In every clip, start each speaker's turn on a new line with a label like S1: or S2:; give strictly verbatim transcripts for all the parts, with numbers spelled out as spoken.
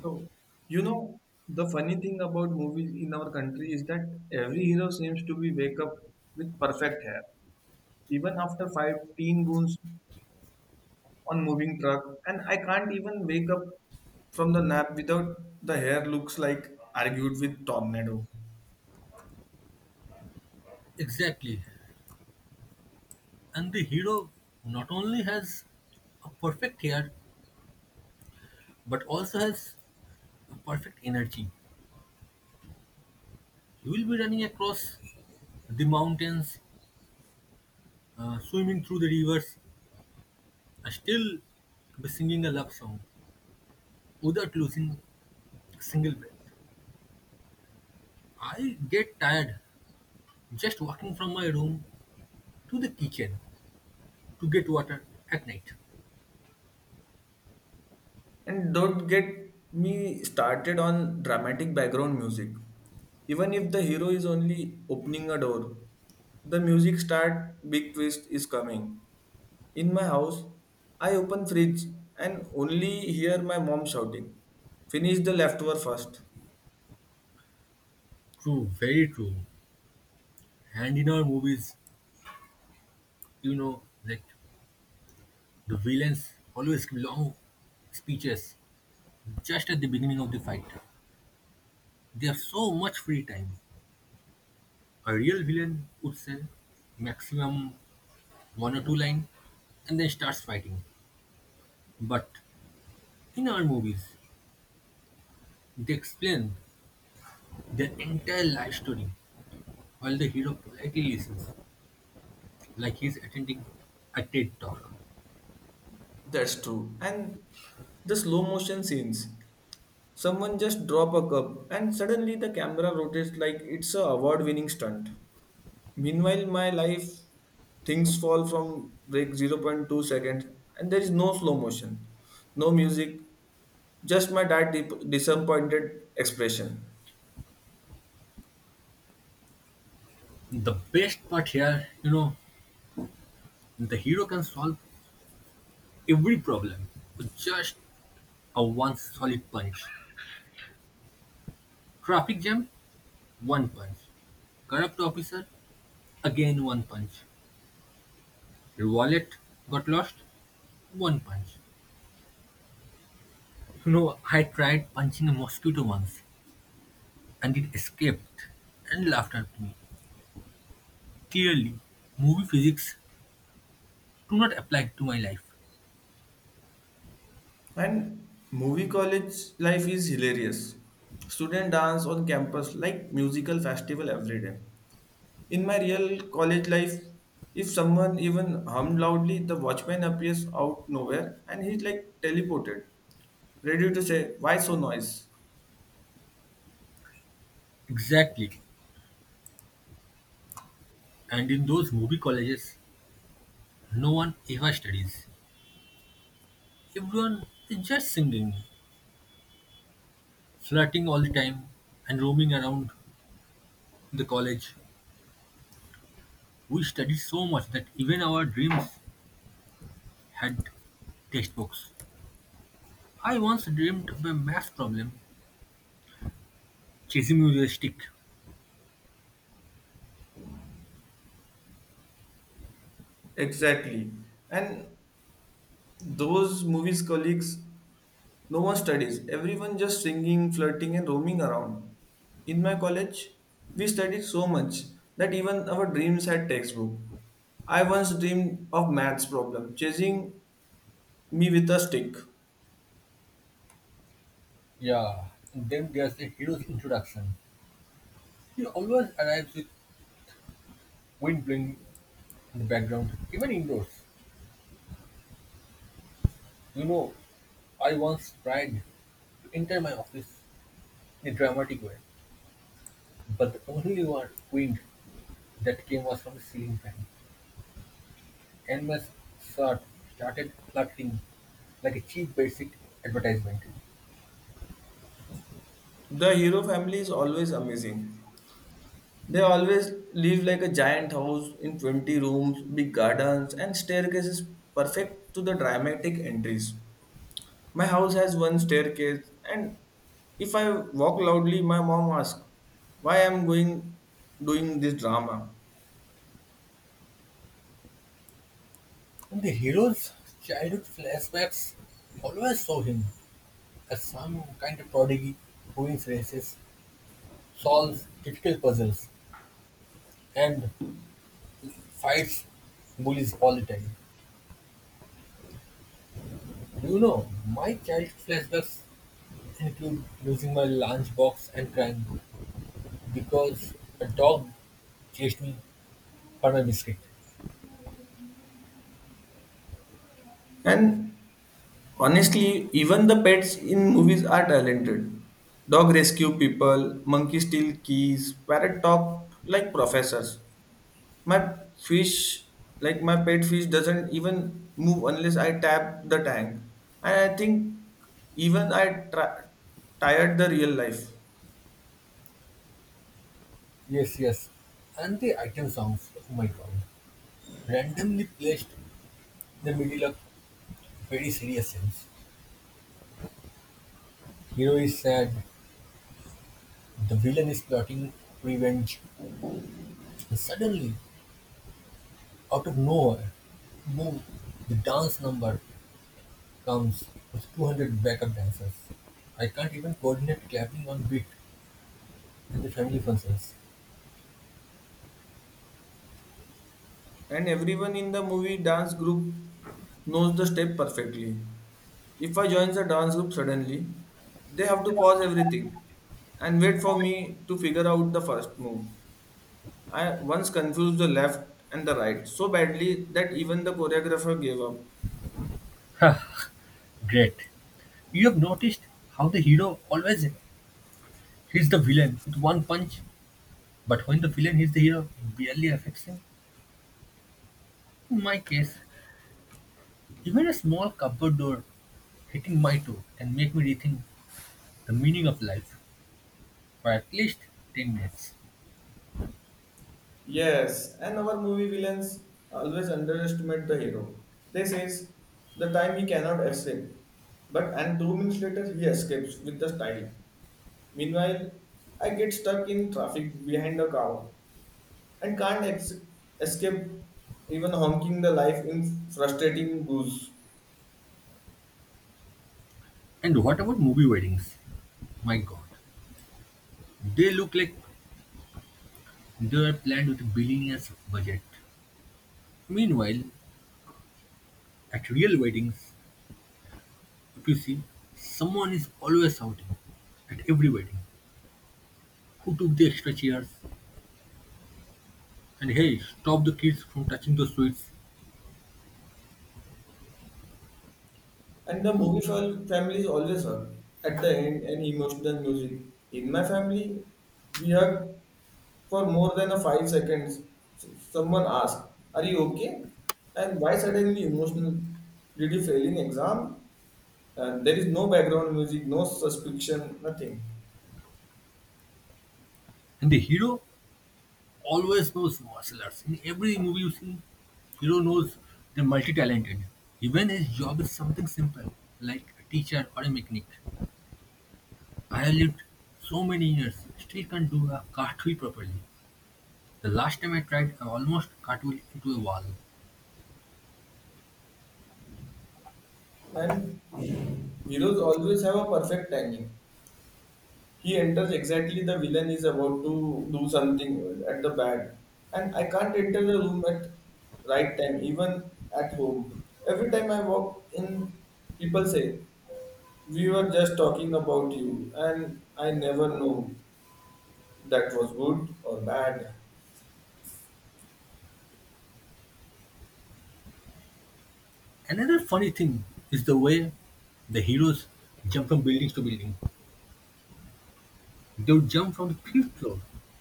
S1: So, you know, the funny thing about movies in our country is that every hero seems to be wake up with perfect hair, even after five teen goons on moving truck, and I can't even wake up from the nap without the hair looks like argued with tornado.
S2: Exactly. And the hero not only has a perfect hair, but also has a perfect energy. He will be running across the mountains, uh, swimming through the rivers, and still be singing a love song without losing a single breath. I get tired just walking from my room to the kitchen to get water at night.
S1: And don't get me started on dramatic background music. Even if the hero is only opening a door, the music start big twist is coming. In my house, I open fridge and only hear my mom shouting, "Finish the leftover first."
S2: True, very true. And in our movies, you know, like the villains always give long speeches. Just at the beginning of the fight, there's so much free time. A real villain would say maximum one or two line and then starts fighting. But in our movies, they explain their entire life story while the hero politely listens, like he's attending a TED talk.
S1: That's true. And the slow motion scenes. Someone just drop a cup and suddenly the camera rotates like it's a award-winning stunt. Meanwhile, my life things fall from break zero point zero point two seconds and there is no slow motion, no music, just my dad disappointed expression.
S2: The best part here, you know, the hero can solve every problem with just a one solid punch. Traffic jam, one punch. Corrupt officer, again one punch. Your wallet got lost? One punch. You know, I tried punching a mosquito once and it escaped and laughed at me. Clearly, movie physics do not apply to my life.
S1: And movie college life is hilarious. Student dance on campus like musical festival every day. In my real college life, if someone even hummed loudly, the watchman appears out nowhere and he's like teleported, ready to say, "Why so noise?"
S2: Exactly. And in those movie colleges, no one ever studies. Everyone is just singing, flirting all the time, and roaming around the college. We studied so much that even our dreams had textbooks. I once dreamed of a math problem chasing me with a stick.
S1: Exactly. And those movies colleagues, no one studies. Everyone just singing, flirting, and roaming around. In my college, we studied so much that even our dreams had textbook. I once dreamed of maths problem chasing me with a stick.
S2: Yeah, then there's the hero's introduction. He always arrives with wind blowing in the background, even indoors. You know, I once tried to enter my office in a dramatic way, but the only one wind that came was from the ceiling fan, and my shirt started fluttering like a cheap basic advertisement.
S1: The hero family is always amazing. They always live like a giant house in twenty rooms, big gardens, and staircases perfect to the dramatic entries. My house has one staircase, and if I walk loudly, my mom asks, "Why I'm going doing this drama?"
S2: In the hero's childhood flashbacks, we always saw him as some kind of prodigy who wins races, solves difficult puzzles, and fights bullies all the time. Do you know, my childhood flashbacks include losing my lunchbox and crying because a dog chased me for my biscuit.
S1: And honestly, even the pets in movies are talented. Dog rescue people, monkey steal keys, parrot talk like professors. My fish, like my pet fish, doesn't even move unless I tap the tank. And I think even I tra- tired the real life.
S2: Yes, yes. And the item songs, oh my god, randomly placed in the middle of very serious scenes. Hero is sad, the villain is plotting revenge, and suddenly, out of nowhere, boom, the dance number comes with two hundred backup dancers. I can't even coordinate clapping on beat at the family functions.
S1: And everyone in the movie dance group knows the step perfectly. If I join the dance group suddenly, they have to pause everything and wait for me to figure out the first move. I once confused the left and the right so badly that even the choreographer gave up.
S2: Great. You have noticed how the hero always hits the villain with one punch, but when the villain hits the hero, it barely affects him. In my case, even a small cupboard door hitting my toe can make me rethink the meaning of life for at least ten minutes.
S1: Yes, and our movie villains always underestimate the hero. They says the time he cannot escape, but and two minutes later he escapes with the style. Meanwhile, I get stuck in traffic behind a car and can't ex- escape even honking the life in frustrating booze.
S2: And what about movie weddings? My god, they look like they were planned with a billionaire's budget. Meanwhile, at real weddings, if you see, someone is always shouting, at every wedding, "Who took the extra chairs?" And, "Hey, stop the kids from touching the sweets."
S1: And the movie for families always hug at the end and emotional music. In my family, we hug for more than a five seconds. S- Someone asks, "Are you okay? And why suddenly emotional? Did you fail in exam?" And there is no background music, no suspicion, nothing.
S2: And the hero always knows martial arts. In every movie you see, hero knows they're multi-talented. Even his job is something simple, like a teacher or a mechanic. I have lived so many years, still can't do a cartwheel properly. The last time I tried, I almost cartwheeled into a wall.
S1: And heroes always have a perfect timing. He enters exactly the villain is about to do something at the bad. And I can't enter the room at right time, even at home. Every time I walk in, people say, "We were just talking about you," and I never know that was good or bad.
S2: Another funny thing is the way the heroes jump from building to building. They would jump from the fifth floor,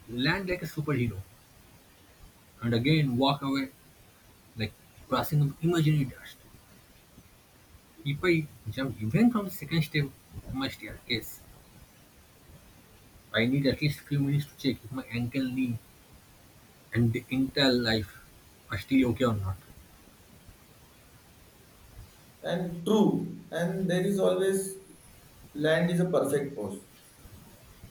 S2: land like a superhero, and again walk away like crossing of imaginary dust. If I jump even from the second step of my staircase, I need at least few minutes to check if my ankle, knee, and the entire life are still okay or not.
S1: And true. And there is always land is a perfect pose.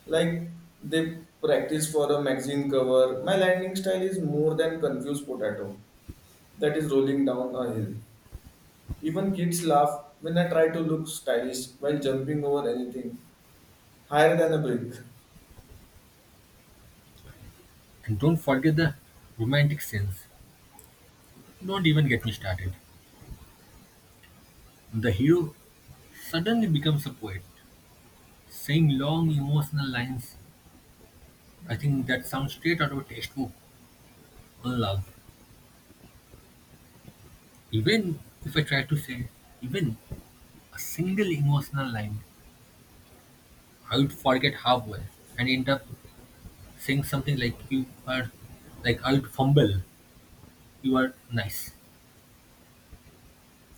S1: Like they practice for a magazine cover. My landing style is more than confused potato that is rolling down a hill. Even kids laugh when I try to look stylish while jumping over anything higher than a brick.
S2: And don't forget the romantic scenes. Don't even get me started. The hero suddenly becomes a poet, saying long emotional lines I think that sounds straight out of a textbook on love. Even if I tried to say even a single emotional line, I would forget halfway and end up saying something like, "You are," like I would fumble, "You are nice."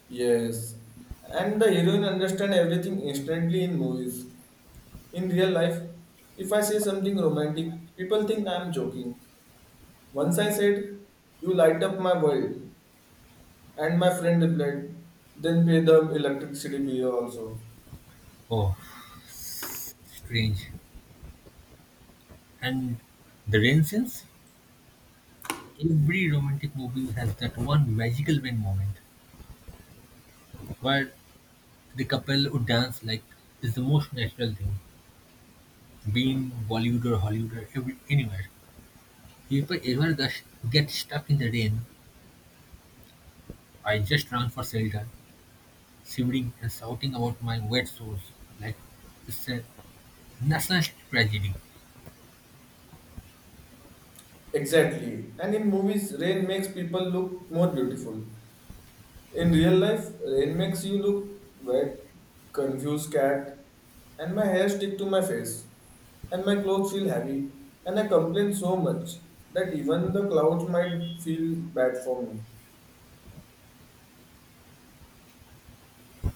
S1: Yes. And the heroine understand everything instantly in movies. In real life, if I say something romantic, people think I am joking. Once I said, "You light up my world," and my friend replied, "Then pay the electricity bill also."
S2: Oh, strange. And the rain scenes, every romantic movie has that one magical rain moment where the couple would dance like it's the most natural thing. Being Bollywood or Hollywood or every, anywhere. If I ever gush get stuck in the rain, I just run for shelter, shivering and shouting about my wet shoes, like it's a national tragedy.
S1: Exactly. And in movies, rain makes people look more beautiful. In real life, rain makes you look wet, confused cat, and my hair stick to my face, and my clothes feel heavy, and I complain so much that even the clouds might feel bad for me.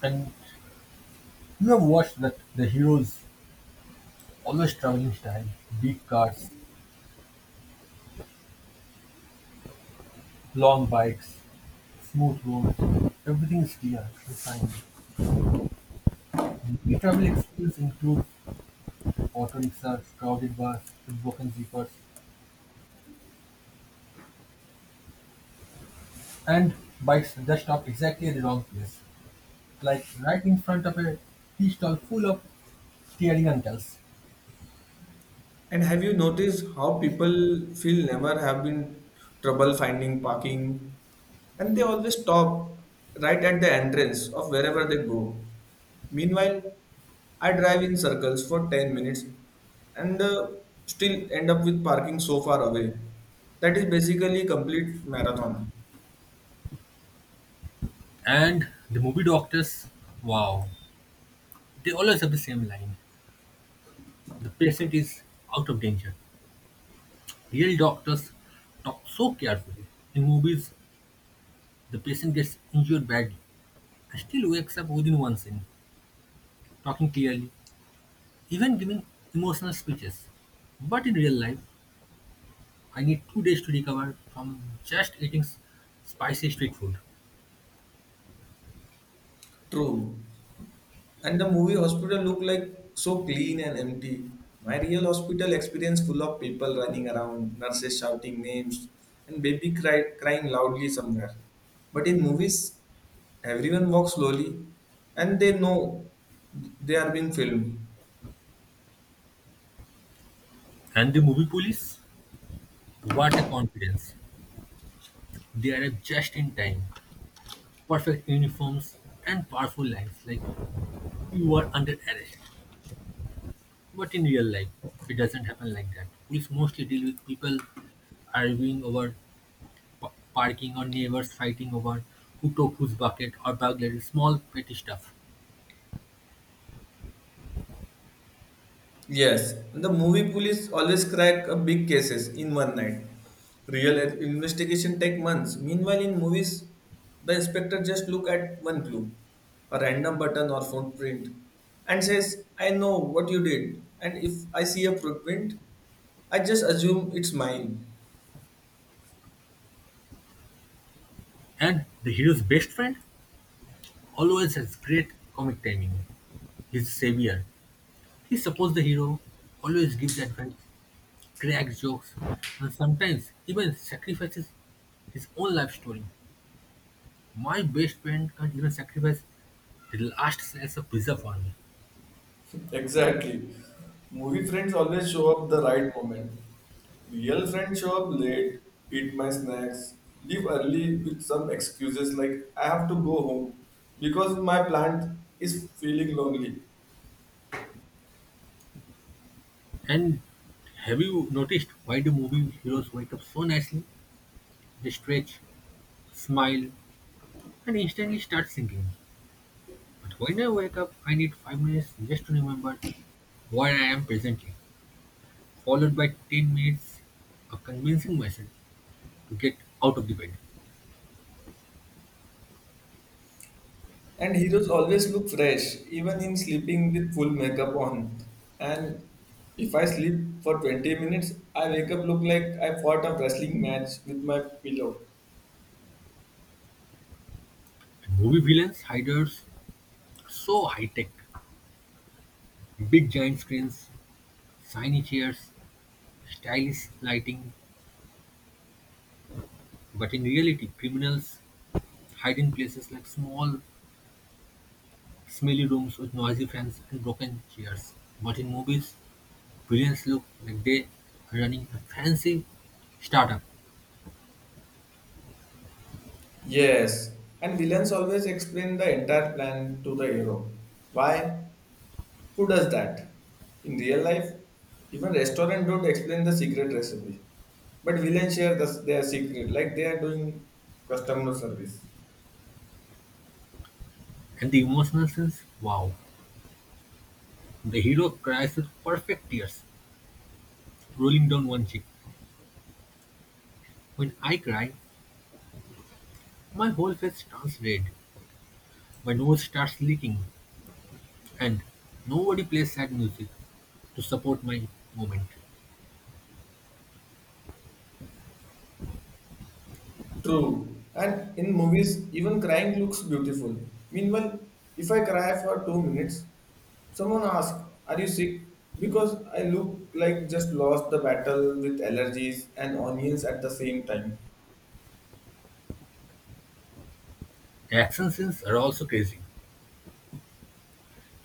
S2: And you have watched that the heroes always traveling style, big cars, long bikes, smooth roads, everything is clear and shiny. The travel experience includes auto rickshaws, crowded bars with broken zippers, and bikes that stop exactly at the wrong place, like right in front of a tea stall full of staring uncles.
S1: And have you noticed how people feel never have been trouble finding parking and they always stop right at the entrance of wherever they go? Meanwhile, I drive in circles for ten minutes and uh, still end up with parking so far away. That is basically complete marathon.
S2: And the movie doctors, wow, they always have the same line. The patient is out of danger. Real doctors talk so carefully. In movies, the patient gets injured badly and still wakes up within one scene, talking clearly, even giving emotional speeches. But in real life, I need two days to recover from just eating s- spicy street food.
S1: True. And the movie hospital look like so clean and empty. My real hospital experience full of people running around, nurses shouting names, and baby cry, crying loudly somewhere. But in movies, everyone walks slowly and they know they are being filmed.
S2: And the movie police, what a confidence. They arrive just in time, perfect uniforms and powerful lines like, "You are under arrest." But in real life, it doesn't happen like that. Police mostly deal with people arguing over p- parking or neighbors fighting over who took whose bucket or burglary, small petty stuff.
S1: Yes, the movie police always crack a big cases in one night. Real investigation take months. Meanwhile, in movies, the inspector just look at one clue, a random button or footprint, and says, "I know what you did." And if I see a footprint, I just assume it's mine.
S2: And the hero's best friend always has great comic timing. His savior. He supports the hero, always gives advice, cracks jokes, and sometimes even sacrifices his own life story. My best friend can't even sacrifice the last slice of pizza for me.
S1: Exactly. Movie friends always show up the right moment. Real friends show up late, eat my snacks, leave early with some excuses like, "I have to go home because my plant is feeling lonely."
S2: And have you noticed why do movie heroes wake up so nicely? They stretch, smile, and instantly start singing. But when I wake up, I need five minutes just to remember where I am presently, followed by ten minutes of convincing myself to get out of the bed.
S1: And heroes always look fresh, even in sleeping with full makeup on. And if I sleep for twenty minutes, I wake up look like I fought a wrestling match with my pillow.
S2: And movie villains hide us so high tech. Big giant screens, shiny chairs, stylish lighting, but in reality, criminals hide in places like small, smelly rooms with noisy fans and broken chairs. But in movies, villains look like they are running a fancy startup.
S1: Yes, and villains always explain the entire plan to the hero. Why? Who does that? In real life, even restaurant don't explain the secret recipe, but villains share the, their secret like they are doing customer service.
S2: And the emotional scenes, wow. The hero cries with perfect tears, rolling down one cheek. When I cry, my whole face turns red, my nose starts leaking, and nobody plays sad music to support my moment.
S1: True. And in movies, even crying looks beautiful. Meanwhile, if I cry for two minutes, someone asks, "Are you sick?" Because I look like just lost the battle with allergies and onions at the same time.
S2: Action scenes are also crazy: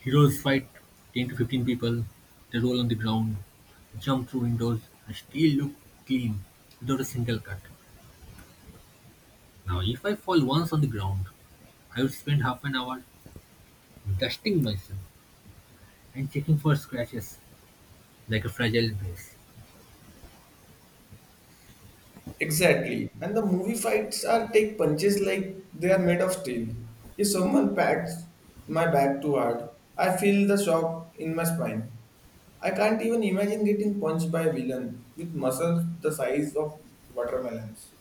S2: heroes fight ten to fifteen people, they roll on the ground, jump through windows, and still look clean without a single cut. Now, if I fall once on the ground, I would spend half an hour dusting myself and checking for scratches like a fragile vase.
S1: Exactly. And the movie fights are take punches like they are made of steel. If someone pats my back too hard, I feel the shock in my spine. I can't even imagine getting punched by a villain with muscles the size of watermelons.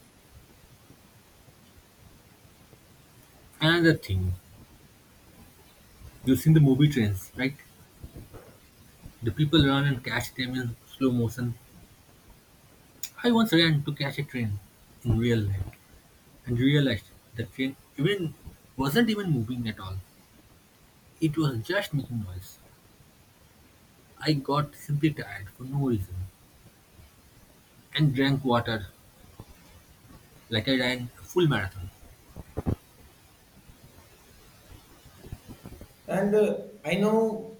S2: Another thing, you've seen the movie trains, right? The people run and catch them in slow motion. I once ran to catch a train in real life and realized the train even wasn't even moving at all. It was just making noise. I got simply tired for no reason and drank water like I ran a full marathon.
S1: And uh, I know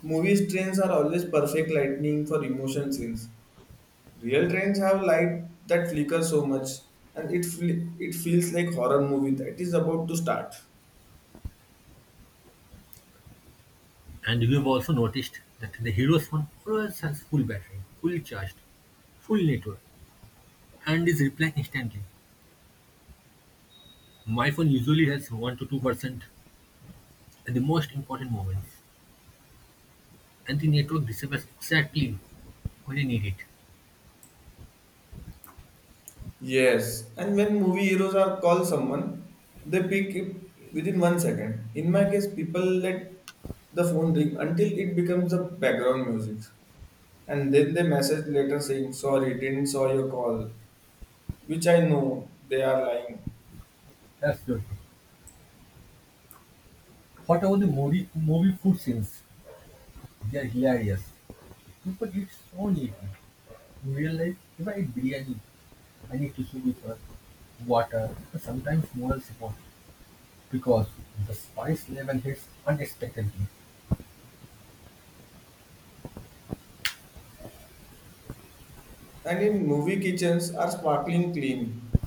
S1: movie trains are always perfect lightning for emotion scenes. Real trains have light that flicker so much, and it fl- it feels like horror movie that is about to start.
S2: And you've also noticed that the hero's phone always has full battery, fully charged, full network, and is replying instantly. My phone usually has one to two percent at the most important moments, and the network disappears exactly when I need it.
S1: Yes, and when movie heroes are called someone, they pick it within one second. In my case, people let the phone ring until it becomes the background music, and then they message later saying, "Sorry, didn't saw your call," which I know they are lying.
S2: Absolutely. What about the movie, movie food scenes? They are hilarious. People eat so neatly. In real life, if I eat biryani, I need to with her, water, sometimes moral support because the spice level hits unexpectedly.
S1: And in movie kitchens are sparkling clean.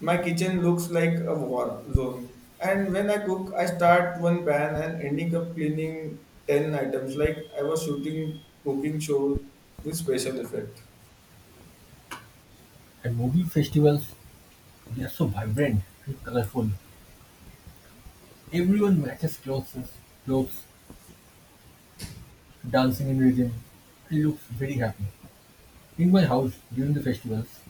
S1: My kitchen looks like a war zone. And when I cook, I start one pan and ending up cleaning ten items like I was shooting cooking show with special effect.
S2: At movie festivals, they are so vibrant and colorful. Everyone matches clothes, clothes, dancing in rhythm, and looks very happy. In my house, during the festivals,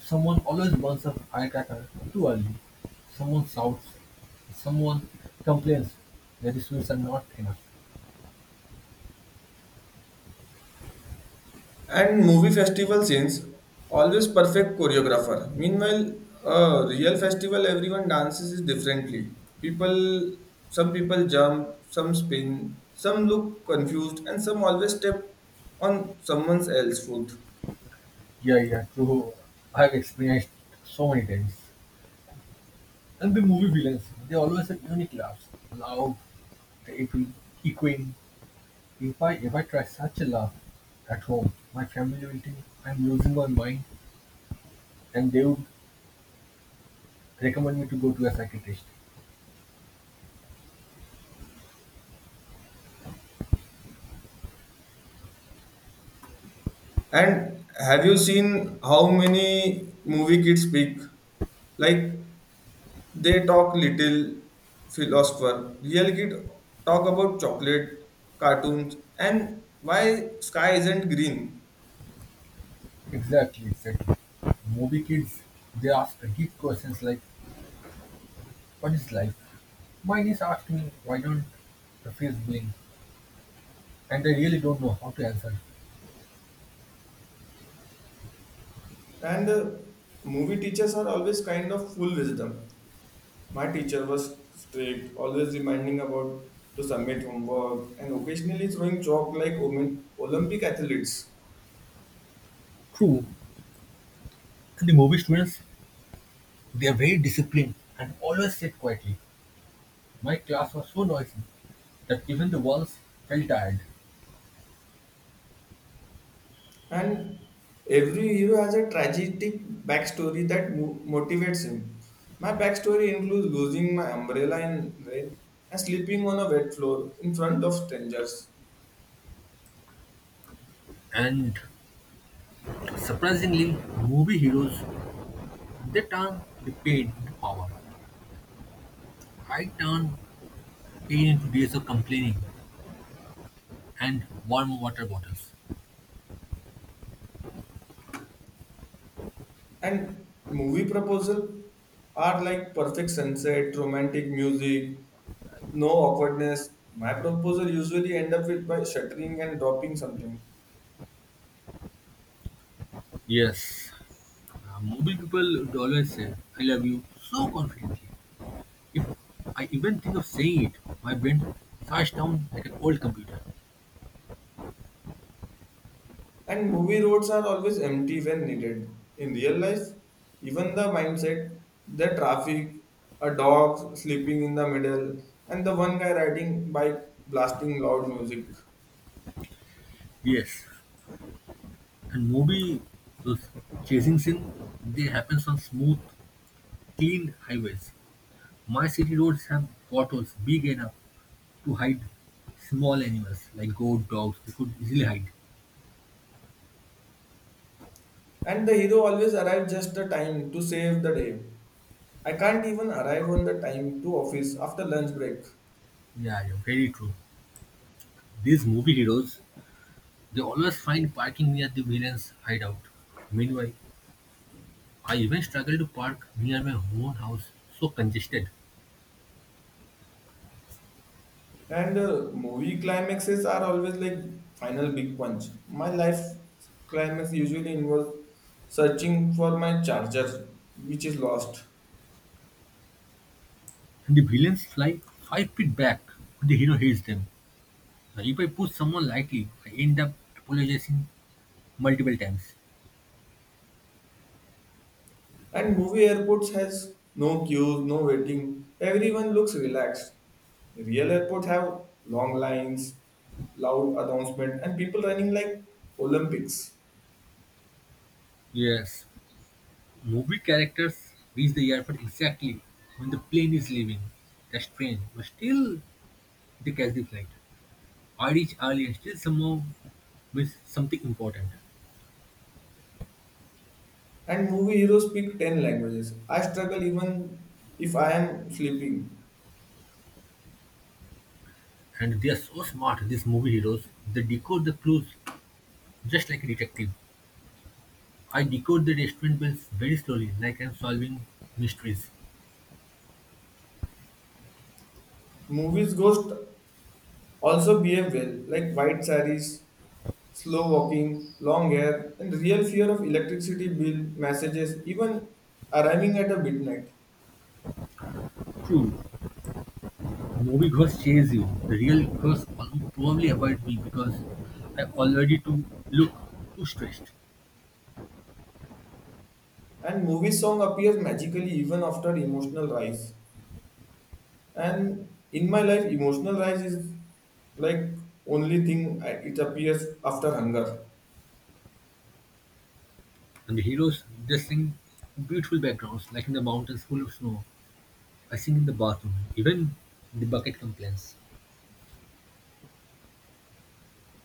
S2: someone always burns a firecracker too early. Someone shouts, someone complains that the sweets are not enough.
S1: And movie festival scenes, always perfect choreographer. Meanwhile, a real festival, everyone dances is differently. People, some people jump, some spin, some look confused, and some always step on someone else's foot.
S2: Yeah, yeah, true. I have experienced so many times. And the movie villains, they always have unique laughs. Loud, terrible, echoing. If I if I try such a laugh at home, my family will think I'm losing my mind and they would recommend me to go to a psychiatrist.
S1: And have you seen how many movie kids speak? Like they talk little philosopher. Real kid talk about chocolate, cartoons, and why sky isn't green.
S2: Exactly, exactly. Movie kids, they ask deep questions like, "What is life?" My niece asked me, "Why don't the face blink?" And I really don't know how to answer.
S1: And uh, movie teachers are always kind of full wisdom. My teacher was strict, always reminding about to submit homework and occasionally throwing chalk like Olymp- Olympic athletes.
S2: True. And the movie students, they're very disciplined and always sit quietly. My class was so noisy that even the walls felt tired.
S1: And every hero has a tragic backstory that mo- motivates him. My backstory includes losing my umbrella in rain and sleeping on a wet floor in front of strangers.
S2: And surprisingly, movie heroes, they turn the pain into power. I turn pain into days of complaining and warm water bottles.
S1: And movie proposal are like perfect sunset, romantic music, no awkwardness. My proposal usually end up with by shuttering and dropping something.
S2: Yes, uh, movie people would always say, "I love you," so confidently. If I even think of saying it, my brain flashes down like an old computer.
S1: And movie roads are always empty when needed. In real life, even the mindset, the traffic, a dog sleeping in the middle, and the one guy riding bike blasting loud music.
S2: Yes, and movie those chasing scene, they happens on smooth, clean highways. My city roads have potholes big enough to hide small animals like goat, dogs. They could easily hide.
S1: And the hero always arrives just the time to save the day. I can't even arrive on the time to office after lunch break.
S2: Yeah, yeah, very true. These movie heroes, they always find parking near the villain's hideout. Meanwhile, I even struggle to park near my own house, so congested.
S1: And uh, movie climaxes are always like final big punch. My life climax usually involves searching for my charger, which is lost.
S2: And the villains fly five feet back when the hero hits them. Now, if I push someone lightly, I end up apologizing multiple times.
S1: And movie airports has no queues, no waiting. Everyone looks relaxed. Real airports have long lines, loud announcement, and people running like Olympics.
S2: Yes, movie characters reach the airport exactly when the plane is leaving. That's strange, but still they catch the flight. I reach early and still somehow miss something important.
S1: And movie heroes speak ten languages. I struggle even if I am sleeping.
S2: And they are so smart, these movie heroes. They decode the clues just like a detective. I decode the restaurant bills very slowly, like I'm solving mysteries.
S1: Movies ghost also behave well, like white sarees, slow walking, long hair, and real fear of electricity bill messages, even arriving at a midnight.
S2: True, movie ghosts chase you. The real ghosts al- probably avoid me because I already too look too stressed.
S1: And movie song appears magically even after emotional rise. And in my life, emotional rise is like only thing I- it appears after hunger.
S2: And the heroes, they sing in beautiful backgrounds, like in the mountains full of snow. I sing in the bathroom, even the bucket complains.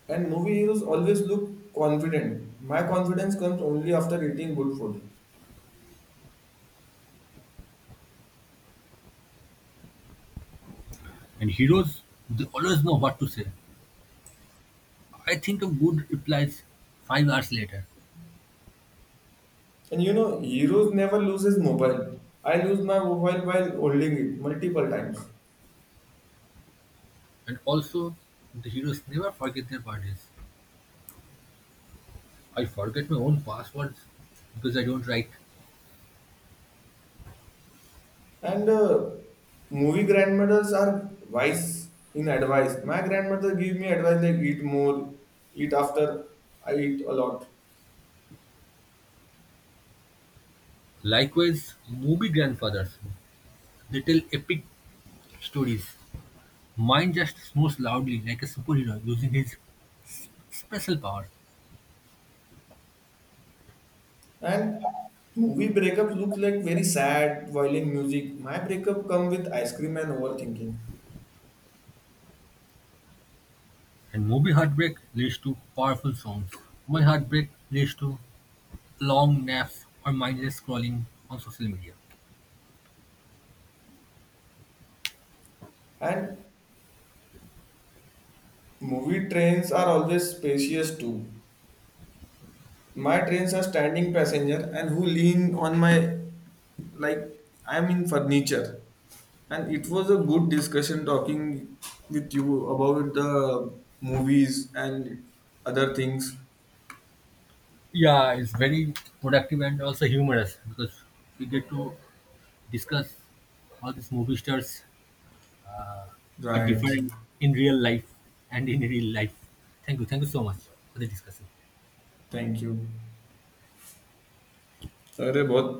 S1: And movie heroes always look confident. My confidence comes only after eating good food.
S2: And heroes, they always know what to say. I think of good replies five hours later.
S1: And you know, heroes never lose his mobile. I lose my mobile while holding it multiple times.
S2: And also, the heroes never forget their parties. I forget my own passwords because I don't write.
S1: And uh, movie grandmothers are wise in advice. My grandmother gave me advice like eat more, eat after I eat a lot.
S2: Likewise, movie grandfathers, they tell epic stories. Mine just snores loudly like a superhero using his special power.
S1: And movie breakup look like very sad, violin music. My breakup come with ice cream and overthinking.
S2: And movie heartbreak leads to powerful songs. My heartbreak leads to long naps or mindless scrolling on social media.
S1: And movie trains are always spacious too. My trains are standing passenger and who lean on my like I'm in furniture. And it was a good discussion talking with you about the movies and other things.
S2: Yeah, it's very productive and also humorous because we get to discuss how these movie stars uh, are
S1: Right.
S2: different in real life and in real life. Thank you. Thank you so much for the discussion.
S1: Thank you. अरे बहुत